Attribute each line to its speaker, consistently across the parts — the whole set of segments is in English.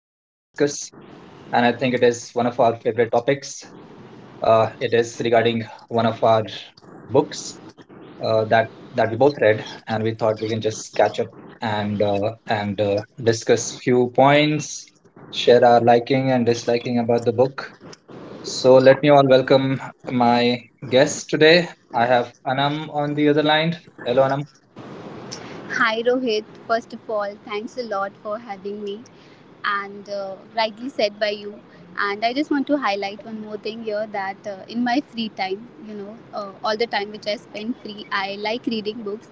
Speaker 1: One of our favorite topics. It is regarding one of our books uh, that that we both read, and we thought we can just catch up and discuss few points, share our liking and disliking about the book. So let me all welcome my guest today. I have Anam on the other line. Hello, Anam.
Speaker 2: Hi Rohit, first of all, thanks a lot for having me and rightly said by you. And I just want to highlight one more thing here that in my free time, all the time which I spend free, I like reading books.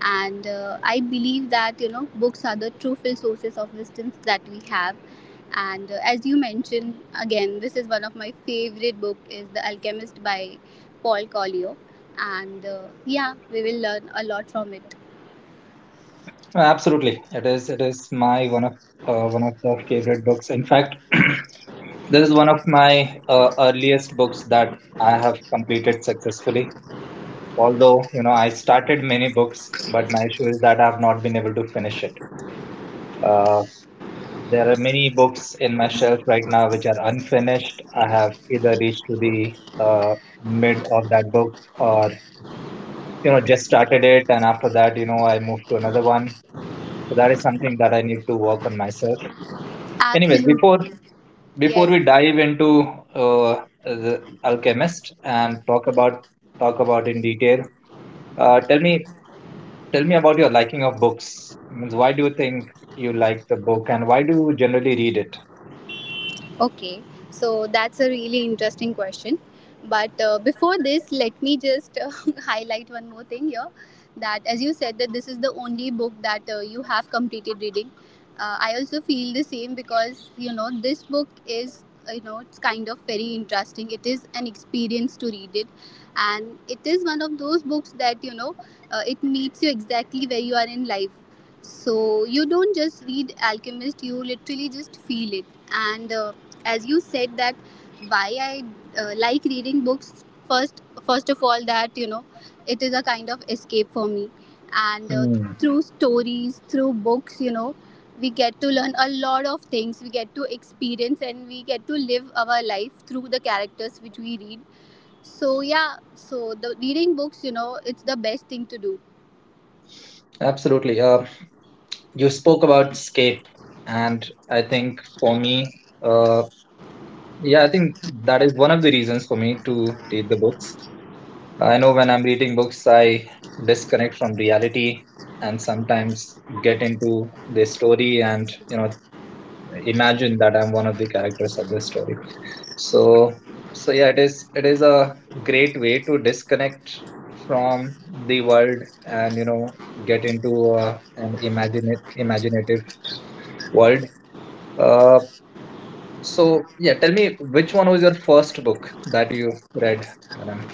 Speaker 2: And I believe that, you know, books are the true full sources of wisdom that we have. And as you mentioned, again, this is one of my favorite book is The Alchemist by Paul Coelho. And yeah, we will learn a lot from it.
Speaker 1: Absolutely, it is. It is my one of the favorite books. In fact, this is one of my earliest books that I have completed successfully. Although you know I started many books, but my issue is that I have not been able to finish it. Uh, there are many books in my shelf right now which are unfinished. I have either reached to the mid of that book, or you know just started it, and after that, I moved to another one. So that is something that I need to work on myself. Anyways, before
Speaker 2: Absolutely.
Speaker 1: before
Speaker 2: Yes.
Speaker 1: we dive into the Alchemist and talk about in detail, uh, tell me tell me about your liking of books. Means why do you think you like the book, and why do you generally read it?
Speaker 2: Okay, so that's a really interesting question. But before this, let me just highlight one more thing here that as you said that this is the only book that you have completed reading. I also feel the same because you know this book is you know it's kind of very interesting. It is an experience to read it, and it is one of those books that it meets you exactly where you are in life. So you don't just read Alchemist; you literally just feel it and as you said that why I like reading books, first of all that you know it is a kind of escape for me, and
Speaker 1: Hmm,
Speaker 2: through stories, through books, you know, we get to learn a lot of things, we get to experience, and we get to live our life through the characters which we read. So yeah, so the reading books, you know, it's the best thing to do.
Speaker 1: absolutely. You spoke about escape, and I think for me, uh, yeah, I think that is one of the reasons for me to read the books. I know when I'm reading books, I disconnect from reality and sometimes get into the story and imagine that I'm one of the characters of the story. So so yeah, it is a great way to disconnect from the world and get into an imagine imaginative world. Uh, so yeah, tell me which one was your first book that you read, Madam?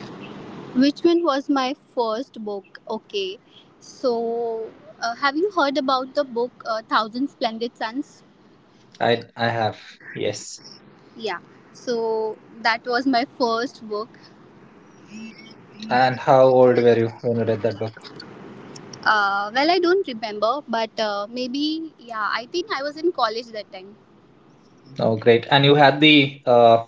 Speaker 2: Which one was my first book? Okay, so have you heard about the book Thousand Splendid Suns?
Speaker 1: I have, yes.
Speaker 2: Yeah, so that was my first book.
Speaker 1: And how old were you when you read that book?
Speaker 2: Well, I don't remember, but maybe, yeah, I think I was in college that time.
Speaker 1: Oh, great. And you had the uh,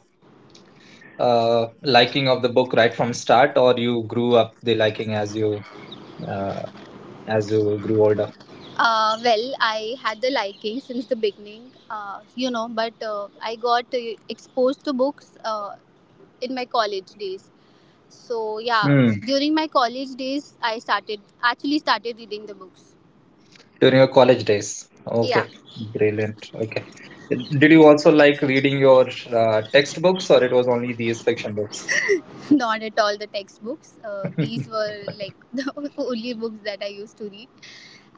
Speaker 1: uh, liking of the book right from start, or you grew up the liking uh, as you grew older?
Speaker 2: Well, I had the liking since the beginning, you know, but I got exposed to books in my college days. So, yeah,
Speaker 1: Hmm.
Speaker 2: during my college days, I started actually started reading the books.
Speaker 1: During your college days.
Speaker 2: Yeah.
Speaker 1: Okay. Brilliant. Okay. Did you also like reading your textbooks, or it was only these fiction books?
Speaker 2: Not at all the textbooks. These were like the only books that I used to read.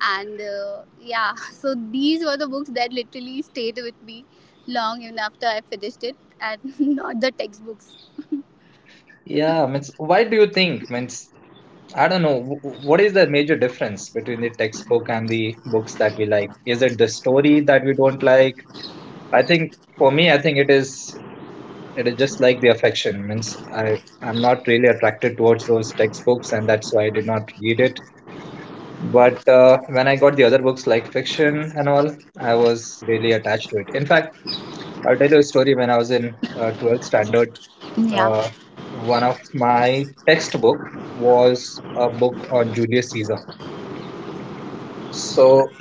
Speaker 2: And yeah, so these were the books that literally stayed with me long even after I finished it, and not the textbooks.
Speaker 1: Yeah, means why do you think? Means I don't know. What is the major difference between the textbook and the books that we like? Is it the story that we don't like? I think for me, I think it is just like the affection. Means I'm not really attracted towards those textbooks, and that's why I did not read it. But when I got the other books like fiction and all, I was really attached to it. In fact, I'll tell you a story. When I was in 12th standard,
Speaker 2: Yeah,
Speaker 1: uh, one of my textbook was a book on Julius Caesar. So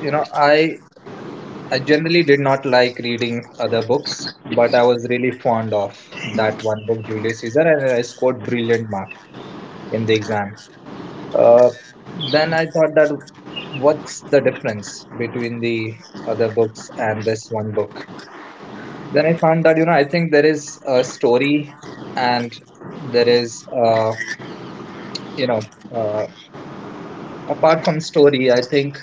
Speaker 1: you know, I I generally did not like reading other books, but I was really fond of that one book, Julius Caesar, and I scored brilliant mark in the exam. Uh, then I thought that what's the difference between the other books and this one book? Then I found that, I think there is a story and there is, you know, uh, apart from story, I think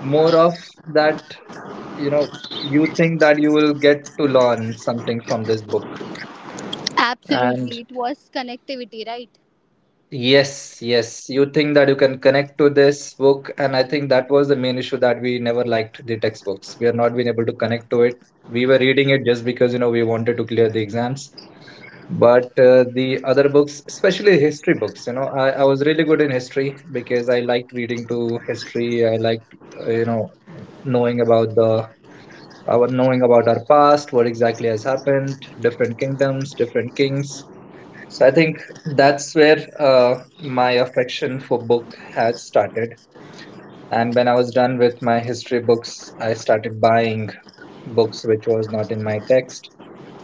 Speaker 1: more of that, you know, you think that you will get to learn something from this book. And
Speaker 2: absolutely. It was connectivity, right?
Speaker 1: yes, yes, you think that you can connect to this book, and I think that was the main issue that we never liked the textbooks. We are not been able to connect to it. We were reading it just because we wanted to clear the exams. But the other books, especially history books, I was really good in history because I liked reading to history. I liked uh, you know knowing about the our knowing about our past, what exactly has happened, different kingdoms, different kings. So I think that's where my affection for book had started. And when I was done with my history books, I started buying books which was not in my text,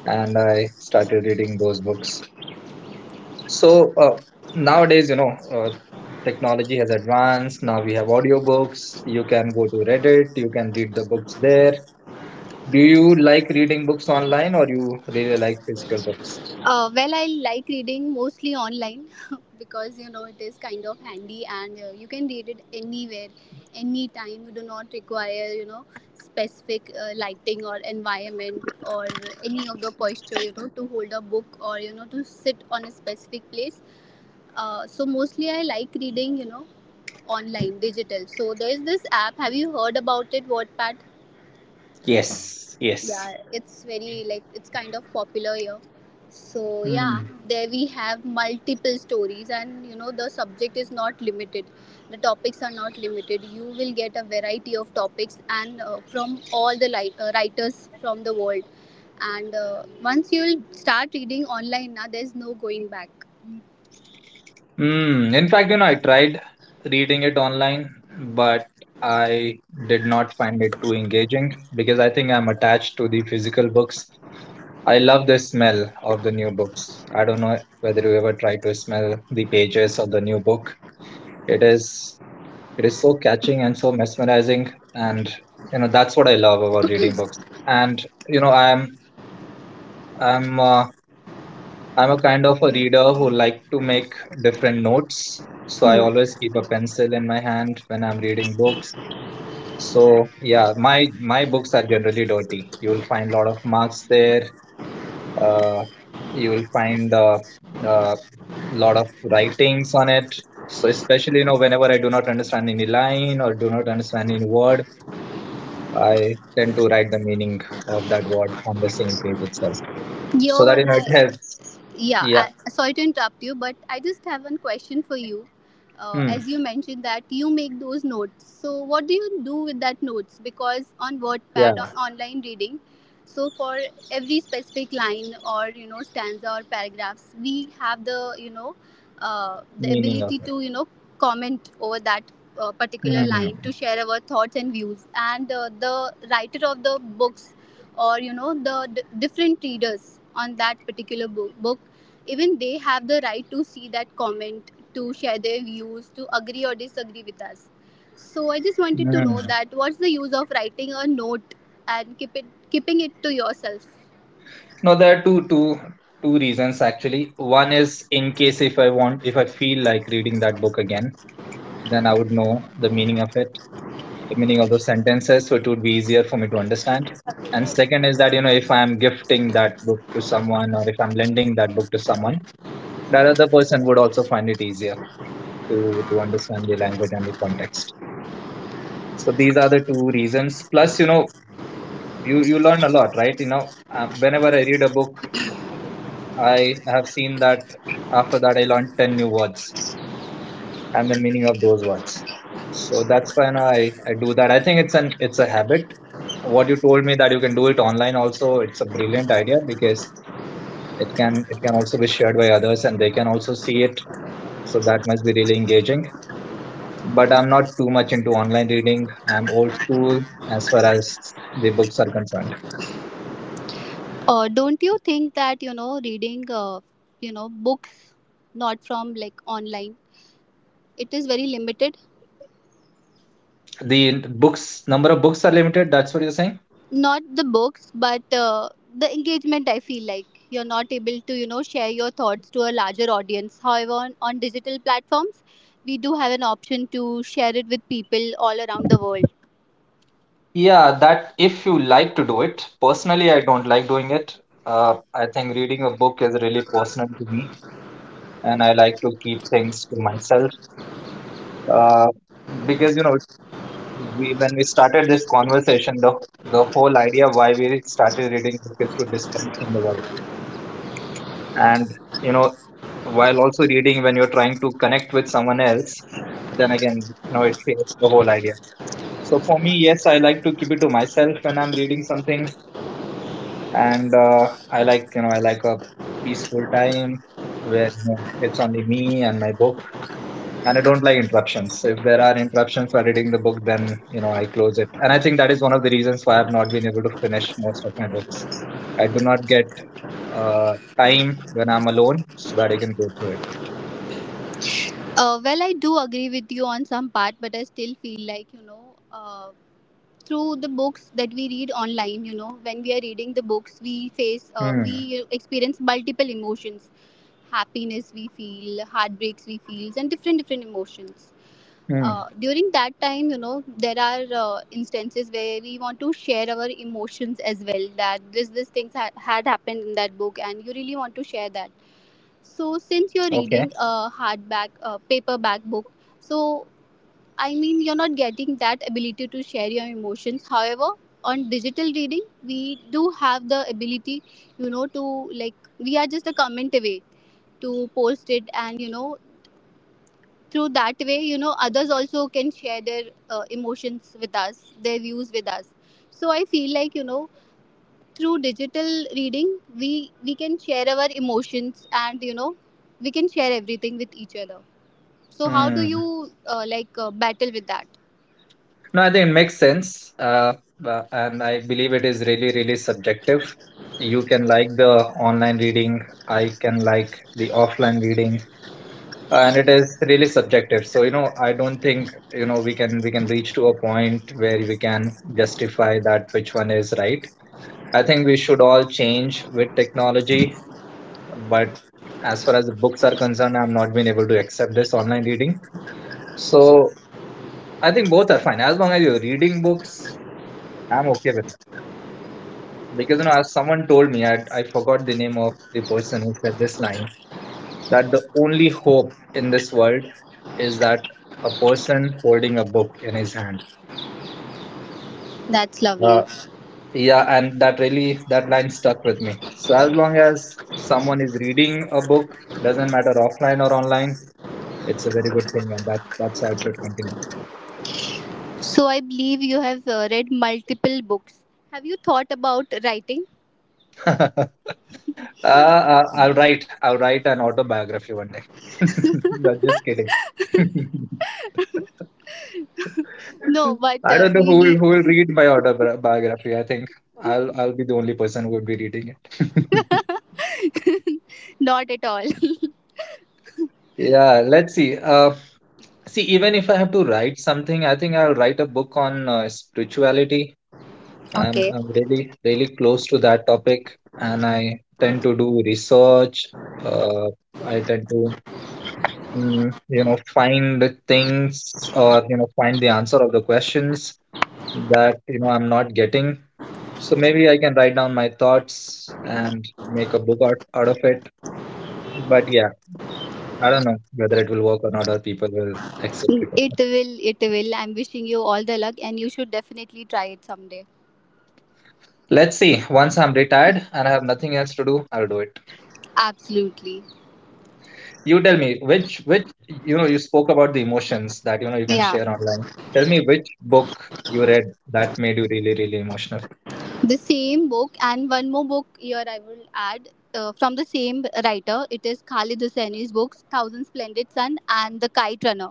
Speaker 1: and I started reading those books. So nowadays, technology has advanced. Now we have audiobooks. You can go to Reddit. You can read the books there. Do you like reading books online, or you really like physical books?
Speaker 2: Well, I like reading mostly online because you know it is kind of handy, and you can read it anywhere, anytime. You do not require you know specific lighting or environment or any of the posture, you know, to hold a book or you know to sit on a specific place. So mostly I like reading, you know, online, digital. So there's this app. Have you heard about it? Wordpad.
Speaker 1: Yes, yes.
Speaker 2: Yeah, it's very like it's kind of popular here. So yeah,
Speaker 1: Hmm.
Speaker 2: there we have multiple stories, and you know the subject is not limited. The topics are not limited. You will get a variety of topics and from all the writers from the world. And once you will start reading online, now there's no going back.
Speaker 1: In fact, I tried reading it online, but I did not find it too engaging because I think I'm attached to the physical books. I love the smell of the new books. I don't know whether you ever try to smell the pages of the new book. It is it is so catching and so mesmerizing, and that's what I love about reading books. And you know, I'm I'm uh, I'm a kind of a reader who like to make different notes. So I
Speaker 2: Hmm.
Speaker 1: always keep a pencil in my hand when I'm reading books. So yeah, my books are generally dirty. You'll find a lot of marks there. Uh, you'll find a uh, uh, lot of writings on it. So especially whenever I do not understand any line or do not understand any word, I tend to write the meaning of that word on the same page itself. So
Speaker 2: Year
Speaker 1: that
Speaker 2: one,
Speaker 1: it
Speaker 2: I
Speaker 1: helps.
Speaker 2: Yeah,
Speaker 1: Yeah.
Speaker 2: I, sorry to interrupt you, but I just have one question for you.
Speaker 1: Hmm.
Speaker 2: As you mentioned that you make those notes, so what do you do with that notes? Because on WordPad, on
Speaker 1: Yeah.
Speaker 2: online reading, so for every specific line or you know stanza or paragraphs, we have the you know the
Speaker 1: Meaning of.
Speaker 2: ability to you know comment over that particular line to
Speaker 1: Hmm.
Speaker 2: share our thoughts and views. And the writer of the books or you know the different readers on that particular book, even they have the right to see that comment, to share their views, to agree or disagree with us. So I just wanted to know
Speaker 1: Mm.
Speaker 2: that what's the use of writing a note and keeping it to yourself?
Speaker 1: No, there are two reasons actually. One is in case if I want, if I feel like reading that book again, then I would know the meaning of it, the meaning of those sentences, so it would be easier for me to understand. And second is that, if I am gifting that book to someone or if I'm lending that book to someone, that other person would also find it easier to understand the language and the context. So these are the two reasons. Plus, you learn a lot, right? Whenever I read a book, I have seen that after that I learned 10 new words and the meaning of those words. So that's when I do that. I think it's a habit. What you told me that you can do it online also, it's a brilliant idea because it can also be shared by others and they can also see it. So that must be really engaging. But I'm not too much into online reading. I'm old school as far as the books are concerned.
Speaker 2: Don't you think that you know reading you know books not from like online, it is very limited?
Speaker 1: The books number of books are limited, that's what you're saying?
Speaker 2: Not the books, but the engagement, I feel like you're not able to you know share your thoughts to a larger audience. However, on digital platforms, we do have an option to share it with people all around the world.
Speaker 1: Yeah, that if you like to do it. Personally, I don't like doing it. I think reading a book is really personal to me, and I like to keep things to myself. Uh, because when we started this conversation, the whole idea why we started reading book is to disconnect from the world. And you know, while also reading, when you're trying to connect with someone else, then again, it changes the whole idea. So for me, yes, I like to keep it to myself when I'm reading something and I like a peaceful time where it's only me and my book, and I don't like interruptions. If there are interruptions for reading the book, then I close it, and I think that is one of the reasons why I've not been able to finish most of my books. I do not get uh, time when I'm alone so that I can go through it.
Speaker 2: Well, I do agree with you on some part, but I still feel like you know through the books that we read online, you know, when we are reading the books, we face
Speaker 1: Hmm.
Speaker 2: we experience multiple emotions: happiness we feel, heartbreaks we feel, and different emotions.
Speaker 1: Hmm.
Speaker 2: During that time, you know, there are instances where we want to share our emotions as well, that this things had happened in that book and you really want to share that. So since you're
Speaker 1: Okay.
Speaker 2: reading a hardback paperback book, so I mean you're not getting that ability to share your emotions. However, on digital reading, we do have the ability, you know, to like we are just a comment away to post it, and you know through that way, you know, others also can share their emotions with us, their views with us. So I feel like you know through digital reading, we we can share our emotions, and you know we can share everything with each other. So how do
Speaker 1: Hmm.
Speaker 2: you like battle with that?
Speaker 1: No, I think it makes sense. And I believe it is really, really subjective. You can like the online reading, I can like the offline reading, and it is really subjective. So, I don't think, we can reach to a point where we can justify that which one is right. I think we should all change with technology, but as far as the books are concerned, I've not been able to accept this online reading. So I think both are fine. As long as you're reading books, I'm okay with because as someone told me I forgot the name of the person who said this line that the only hope in this world is that a person holding a book in his hand.
Speaker 2: That's
Speaker 1: uh,
Speaker 2: lovely.
Speaker 1: yeah, and that really that line stuck with me. So as long as someone is reading a book, doesn't matter offline or online, it's a very good thing. And that's how it should continue.
Speaker 2: So I believe you have read multiple books. Have you thought about writing?
Speaker 1: uh, I'll write an autobiography one day. That's just kidding.
Speaker 2: No, but
Speaker 1: I don't know who will
Speaker 2: really?
Speaker 1: who will read my autobiography. I think I'll be the only person who would be reading it.
Speaker 2: Not at all.
Speaker 1: Yeah, let's see. See, even if I have to write something, I think I'll write a book on spirituality. I'm
Speaker 2: Okay.
Speaker 1: I'm really really close to that topic, and I tend to do research. Uh, I tend to find the things or find the answer of the questions that I'm not getting. So maybe I can write down my thoughts and make a book out of it. But yeah, I don't know whether it will work or not, or people will accept it or
Speaker 2: It
Speaker 1: not.
Speaker 2: will, it will. I'm wishing you all the luck and you should definitely try it someday.
Speaker 1: Let's see. Once I'm retired and I have nothing else to do, I'll do it.
Speaker 2: Absolutely.
Speaker 1: You tell me which you spoke about the emotions that you can
Speaker 2: Yeah.
Speaker 1: share online. Tell me which book you read that made you really really emotional.
Speaker 2: The same book and one more book here I will add from the same writer. It is Khalid Hosseini's books, Thousand Splendid Sun and The Kite Runner.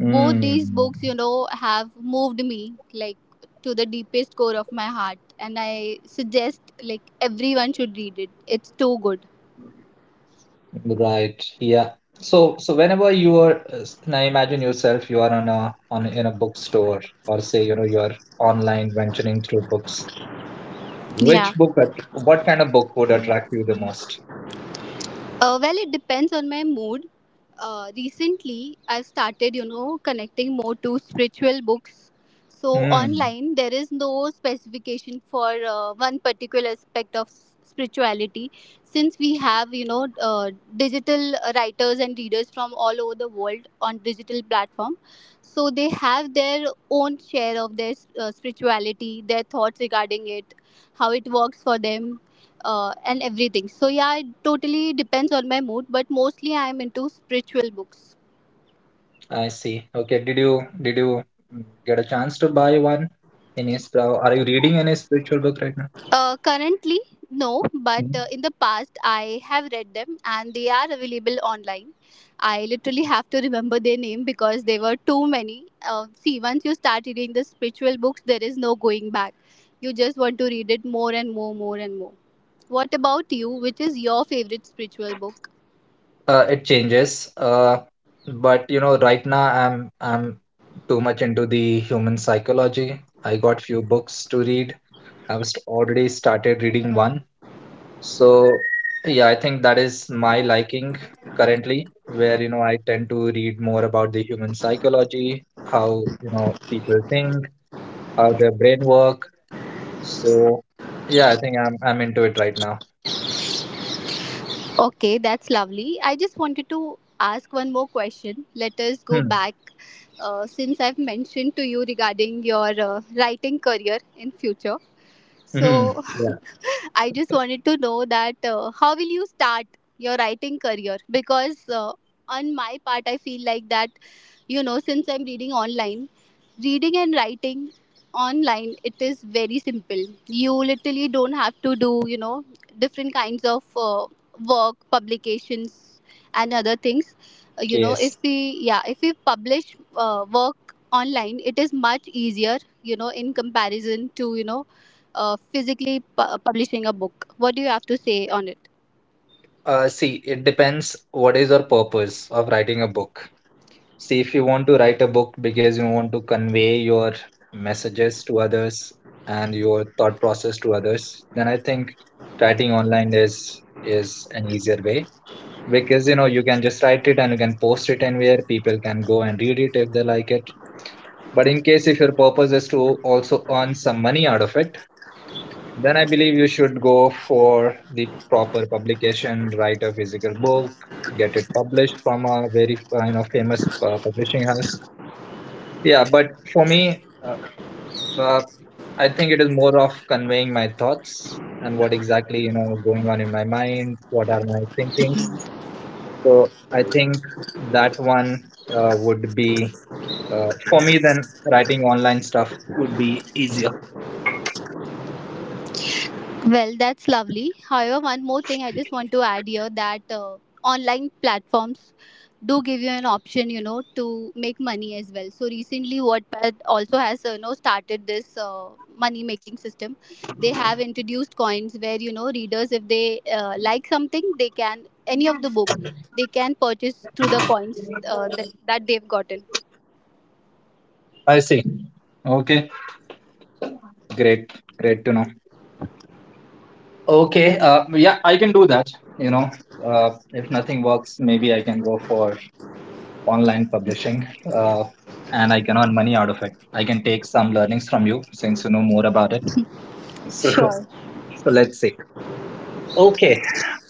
Speaker 2: Both
Speaker 1: Hmm.
Speaker 2: these books, you know, have moved me like to the deepest core of my heart, and I suggest like everyone should read it. It's too good.
Speaker 1: Right. Yeah. So whenever you are, now imagine yourself you are on a on in a bookstore or say you are online venturing through books. Which
Speaker 2: Yeah.
Speaker 1: book? What kind of book would attract you the most?
Speaker 2: Well, it depends on my mood. Recently, I've started, you know, connecting more to spiritual books. So
Speaker 1: Hmm.
Speaker 2: online, there is no specification for one particular aspect of spirituality, since we have, you know, digital writers and readers from all over the world on digital platform. So they have their own share of their spirituality, their thoughts regarding it, how it works for them, and everything. So yeah, it totally depends on my mood, but mostly I am into spiritual books.
Speaker 1: I see. Okay. Did you get a chance to buy one? Any spell? Are you reading any spiritual book right now?
Speaker 2: Currently, no, but
Speaker 1: Mhm.
Speaker 2: in the past I have read them and they are available online. I literally have to remember their name because there were too many. See, once you start reading the spiritual books, there is no going back. You just want to read it more and more, more and more. What about you? Which is your favorite spiritual book?
Speaker 1: It changes. But you know, right now I'm too much into the human psychology. I got few books to read. I've already started reading one. So, yeah, I think that is my liking currently, where, I tend to read more about the human psychology, how, people think, how their brain work. So, yeah, I think I'm into it right now.
Speaker 2: Okay, that's lovely. I just wanted to ask one more question. Let us go
Speaker 1: Hmm.
Speaker 2: back. Since I've mentioned to you regarding your writing career in future.
Speaker 1: Hmm.
Speaker 2: So
Speaker 1: Yeah.
Speaker 2: I just wanted to know that how will you start your writing career? Because on my part, I feel like that, you know, since I'm reading online, reading and writing online, it is very simple. You literally don't have to do you know different kinds of work, publications, and other things. You know,
Speaker 1: Yes.
Speaker 2: if we publish work online, it is much easier, you know, in comparison to you know physically publishing a book. What do you have to say on it?
Speaker 1: See, it depends what is your purpose of writing a book. See, if you want to write a book because you want to convey your messages to others and your thought process to others, then I think writing online is an easier way because you know you can just write it and you can post it anywhere. People can go and read it if they like it. But in case if your purpose is to also earn some money out of it, then I believe you should go for the proper publication, write a physical book, get it published from a very you know famous publishing house. Yeah, but for me, uh, I think it is more of conveying my thoughts and what exactly you know going on.
Speaker 2: Well, that's lovely. However, one more thing I just want to add here that online platforms do give you an option, you know, to make money as well. So recently, Wattpad also has, you know, started this money making system. They have introduced coins where, you know, readers, if they like something, they can, any of the book, they can purchase through the coins that they've gotten.
Speaker 1: I see. Okay, great, great to know. Okay, yeah, I can do that. You know, if nothing works, maybe I can go for online publishing, uh, and I can earn money out of it. I can take some learnings from you since you know more about it. So,
Speaker 2: Sure.
Speaker 1: so let's see. Okay,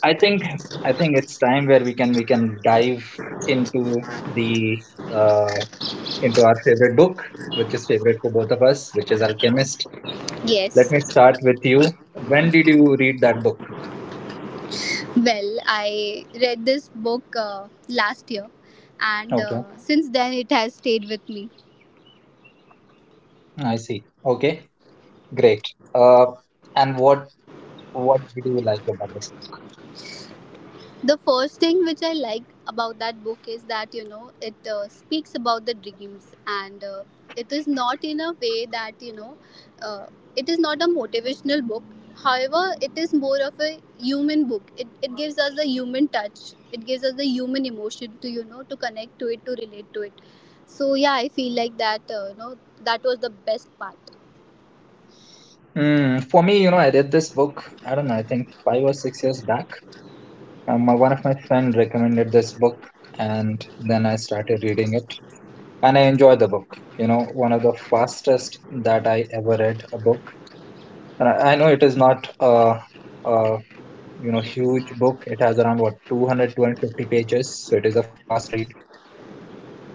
Speaker 1: I think I think it's time where we can dive into the uh, into our favorite book, which is favorite for both of us, which is Alchemist. Let me
Speaker 2: Yes.
Speaker 1: start with you. When did you read that book?
Speaker 2: Well, I read this book last year, and
Speaker 1: Okay,
Speaker 2: since then it has stayed with me.
Speaker 1: I see. Okay, great. Uh, and what did you like about this?
Speaker 2: The first thing which I like about that book is that you know it speaks about the dreams, and it is not in a way that you know uh, it is not a motivational book. However, it is more of a human book. It gives us the human touch. It gives us the human emotion to you know to connect to it, to relate to it. So yeah, I feel like that you know that was the best part.
Speaker 1: For me, you know, I read this book. I don't know. I think 5 or 6 years back. One of my friend recommended this book, and then I started reading it, and I enjoy the book. You know, one of the fastest that I ever read a book. And I know it is not a you know huge book. It has around what two hundred two hundred fifty pages, so it is a fast read,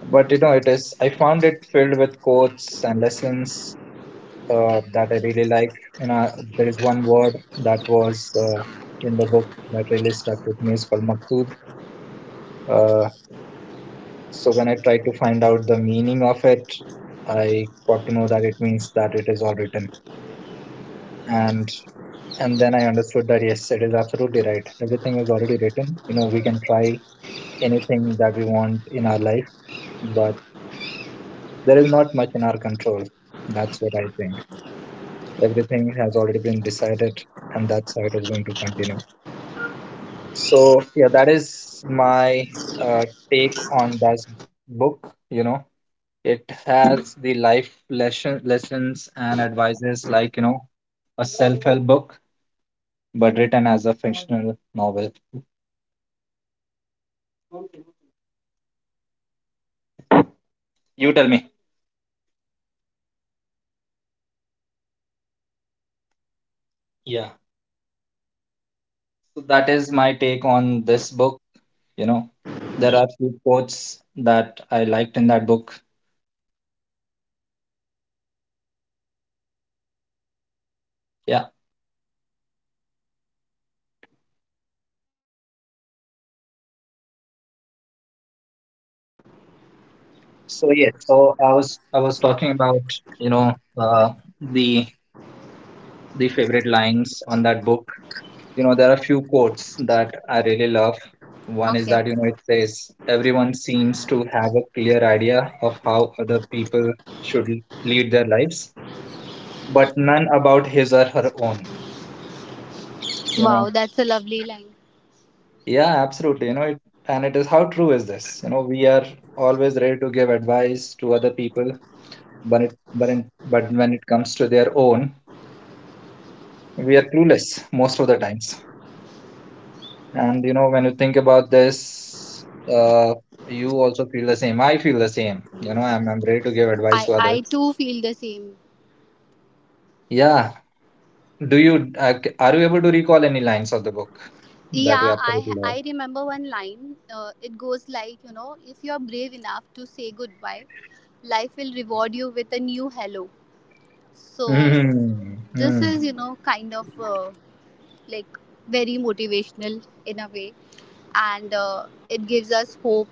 Speaker 1: but you know it is I found it filled with quotes and lessons that I really like, you know. There is one word that was in the book that really stuck with me is called maktub. Uh, so when I tried to find out the meaning of it, I got to know that it means that it is all written. And and then I understood that yes, it is absolutely right. Everything is already written. You know, we can try anything that we want in our life, but there is not much in our control. That's what I think. Everything has already been decided, and that's how it is going to continue. So yeah, that is my uh, take on this book. You know, it has the life lessons and advices like, you know, a self-help book but written as a fictional novel. You tell me. Yeah. So that is my take on this book. You know, there are few quotes that I liked in that book. Yeah. So yes, so I was talking about, you know, the the favorite lines on that book. You know there are a few quotes that I really love. One is
Speaker 2: Okay.
Speaker 1: that, you know, it says, "Everyone seems to have a clear idea of how other people should lead their lives, but none about his or her own." You
Speaker 2: Wow,
Speaker 1: know,
Speaker 2: that's a lovely line.
Speaker 1: yeah, absolutely. And it is, how true is this? You know, we are always ready to give advice to other people, but when it comes to their own, we are clueless most of the times. And you know when you think about this, uh, you also feel the same. I feel the same. You know, I'm ready to give advice to
Speaker 2: I
Speaker 1: others.
Speaker 2: too feel the same.
Speaker 1: Yeah, do you are you able to recall any lines of the book that you
Speaker 2: Yeah,
Speaker 1: absolutely love?
Speaker 2: I remember one line. It goes like, you know, if you're brave enough to say goodbye, life will reward you with a new hello. So
Speaker 1: mm,
Speaker 2: this
Speaker 1: mm,
Speaker 2: is, you know, kind of like very motivational in a way, and it gives us hope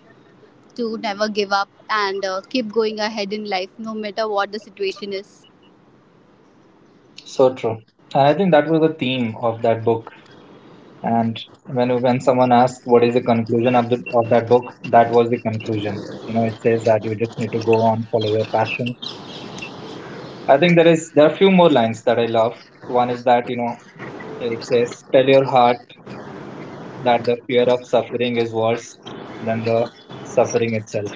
Speaker 2: to never give up, and keep going ahead in life no matter what the situation is.
Speaker 1: so true. And I think that was the theme of that book. And when someone asked what is the conclusion of the of that book, that was the conclusion. You know, it says that you just need to go on, follow your passion. I think there are few more lines that I love. One is that, you know, it says, "Tell your heart that the fear of suffering is worse than the suffering itself."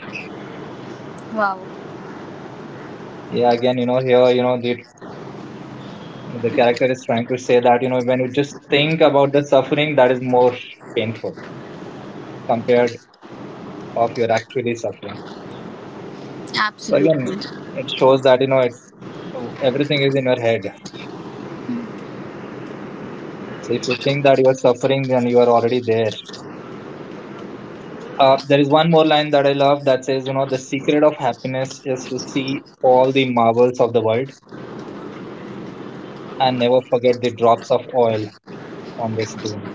Speaker 2: Wow,
Speaker 1: Yeah, again, you know here, you know the character is trying to say that you know when you just think about the suffering, that is more painful compared of your actually suffering. So
Speaker 2: absolutely.
Speaker 1: again, it shows that everything is in your head. So if you think that you are suffering, then you are already there. There is one more line that I love that says, you know, "The secret of happiness is to see all the marvels of the world and never forget the drops of oil on the spoon."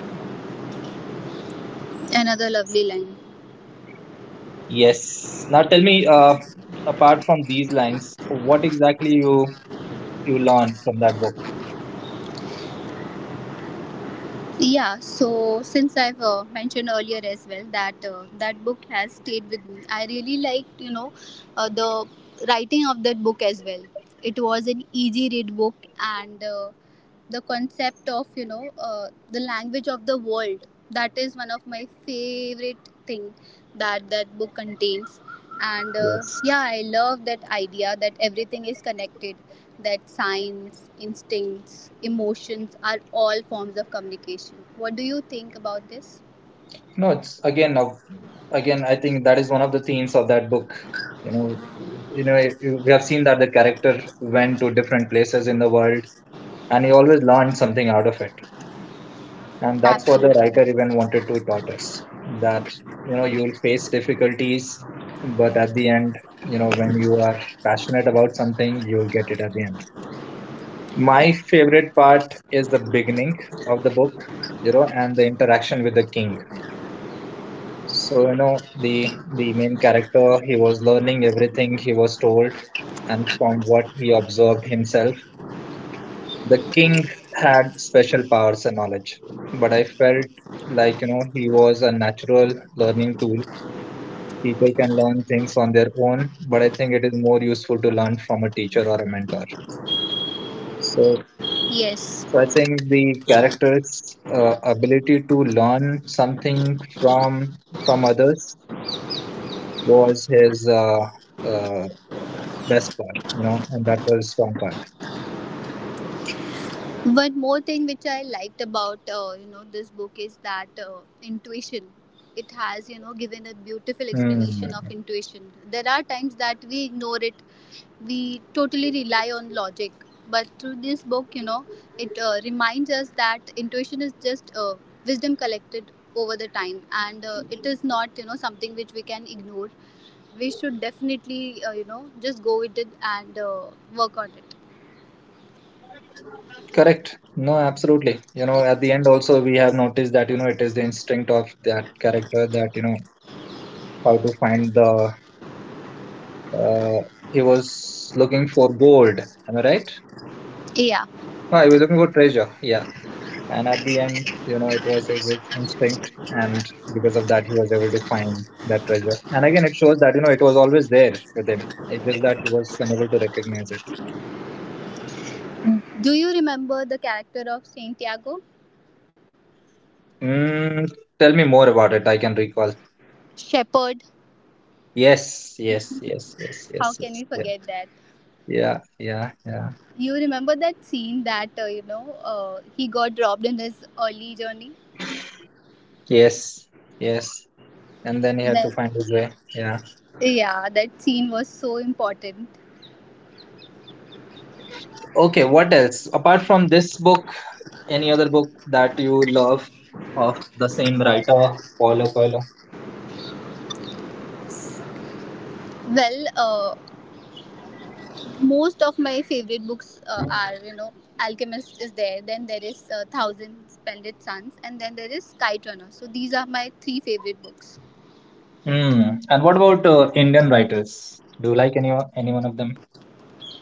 Speaker 2: Another lovely line.
Speaker 1: Yes. Now tell me, apart from these lines, what exactly you learned from that book?
Speaker 2: Yeah, so since I've mentioned earlier as well that that book has stayed with me. I really liked, you know, the writing of that book as well. It was an easy read book, and the concept of you know the language of the world, that is one of my favorite thing that that book contains. And
Speaker 1: Yes.
Speaker 2: yeah, I love that idea that everything is connected, that signs, instincts, emotions are all forms of communication. What do you think about this?
Speaker 1: No, it's again, I think that is one of the themes of that book. You know, we have seen that the character went to different places in the world, and he always learned something out of it. And that's what the
Speaker 2: Absolutely.
Speaker 1: writer even wanted to taught us that, you know, you'll face difficulties, but at the end, you know, when you are passionate about something, you'll get it at the end. My favorite part is the beginning of the book, you know, and the interaction with the king. So, you know, the main character, he was learning everything he was told and from what he observed himself. The king had special powers and knowledge, but I felt like you know he was a natural learning tool. People can learn things on their own, but I think it is more useful to learn from a teacher or a mentor. So,
Speaker 2: Yes.
Speaker 1: so I think the character's ability to learn something from others was his uh, best part, you know, and that was strong part.
Speaker 2: One more thing which I liked about you know this book is that intuition. It has you know given a beautiful
Speaker 1: Hmm.
Speaker 2: explanation of intuition. There are times that we ignore it. We totally rely on logic, but through this book, you know, it reminds us that intuition is just wisdom collected over the time, and it is not you know something which we can ignore. We should definitely you know just go with it and work on it.
Speaker 1: Correct. No, absolutely. You know, at the end also we have noticed that, you know, it is the instinct of that character that, you know, how to find the— uh, he was looking for gold. Am I right?
Speaker 2: Yeah.
Speaker 1: No, he was looking for treasure. Yeah. And at the end, you know, it was his instinct, and because of that, he was able to find that treasure. And again, it shows that, you know, it was always there with him. It's just that he was unable to recognize it.
Speaker 2: Do you remember the character of Santiago?
Speaker 1: Mm, Tell me more about it. I can recall.
Speaker 2: Shepherd.
Speaker 1: Yes, yes, yes, yes,
Speaker 2: How
Speaker 1: yes,
Speaker 2: can we
Speaker 1: yes.
Speaker 2: forget that?
Speaker 1: Yeah, yeah, yeah.
Speaker 2: You remember that scene that he got robbed in his early journey?
Speaker 1: Yes, yes. And then you have
Speaker 2: That
Speaker 1: to find his way. Yeah.
Speaker 2: yeah, that scene was so important.
Speaker 1: Okay, what else? Apart from this book, any other book that you love of the same writer, Paulo Coelho?
Speaker 2: Well, most of my favorite books are you know Alchemist is there. Then there is Thousand Splendid Suns, and then there is Kite Runner. So these are my three favorite books.
Speaker 1: Hmm. And what about Indian writers? Do you like any one of them?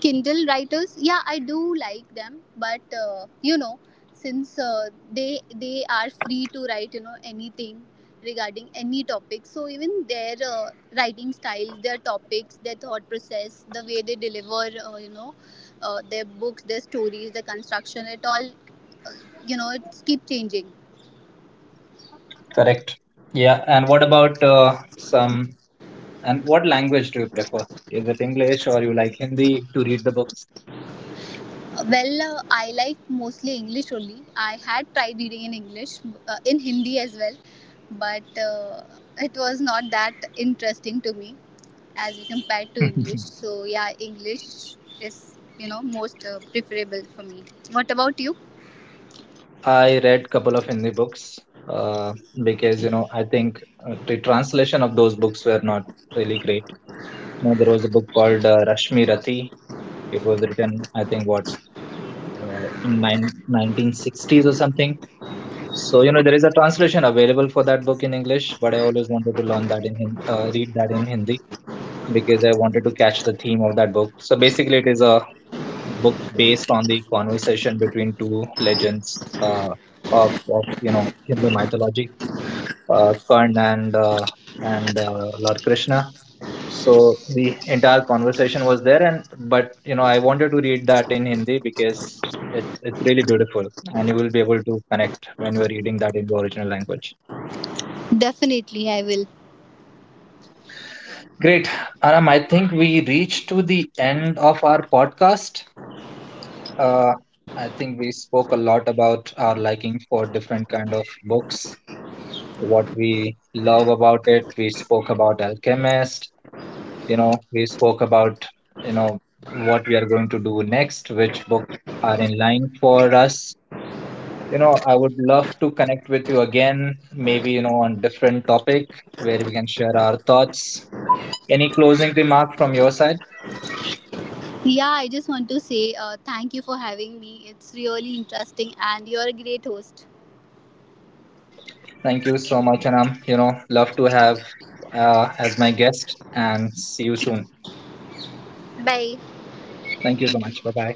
Speaker 2: Kindle writers, yeah, I do like them, but you know, since they are free to write, you know, anything regarding any topic. So even their writing styles, their topics, their thought process, the way they deliver, their books, their stories, the construction, it all, you know, it keep changing.
Speaker 1: Correct. Yeah. And what about some? And what language do you prefer? Is it English or you like Hindi to read the books?
Speaker 2: Well, I like mostly English only. I had tried reading in English, in Hindi as well, but it was not that interesting to me as compared to English. So, yeah, English is, you know, most preferable for me. What about you?
Speaker 1: I read couple of Hindi books uh, because you know I think the translation of those books were not really great. You know, there was a book called Rashmi Rathi. It was written, I think, what in 1960s or something. So you know there is a translation available for that book in English, but I always wanted to learn that in Hin- read that in Hindi because I wanted to catch the theme of that book. So basically, it is a book based on the conversation between two legends of you know Hindu mythology, Karn and Lord Krishna. So the entire conversation was there, and but you know I wanted to read that in Hindi because it's really beautiful, and you will be able to connect when you are reading that in the original language.
Speaker 2: Definitely, I will.
Speaker 1: Great, Anam. I think we reached to the end of our podcast. Uh, I think we spoke a lot about our liking for different kind of books, what we love about it. We spoke about Alchemist, you know, we spoke about, you know, what we are going to do next, which books are in line for us. You know, I would love to connect with you again, maybe, you know, on different topic where we can share our thoughts. Any closing remark from your side?
Speaker 2: Yeah, I just want to say thank you for having me. It's really interesting, and you're a great host.
Speaker 1: Thank you so much, Anam. You know, love to have as my guest, and see you soon.
Speaker 2: Bye.
Speaker 1: Thank you so much. Bye bye.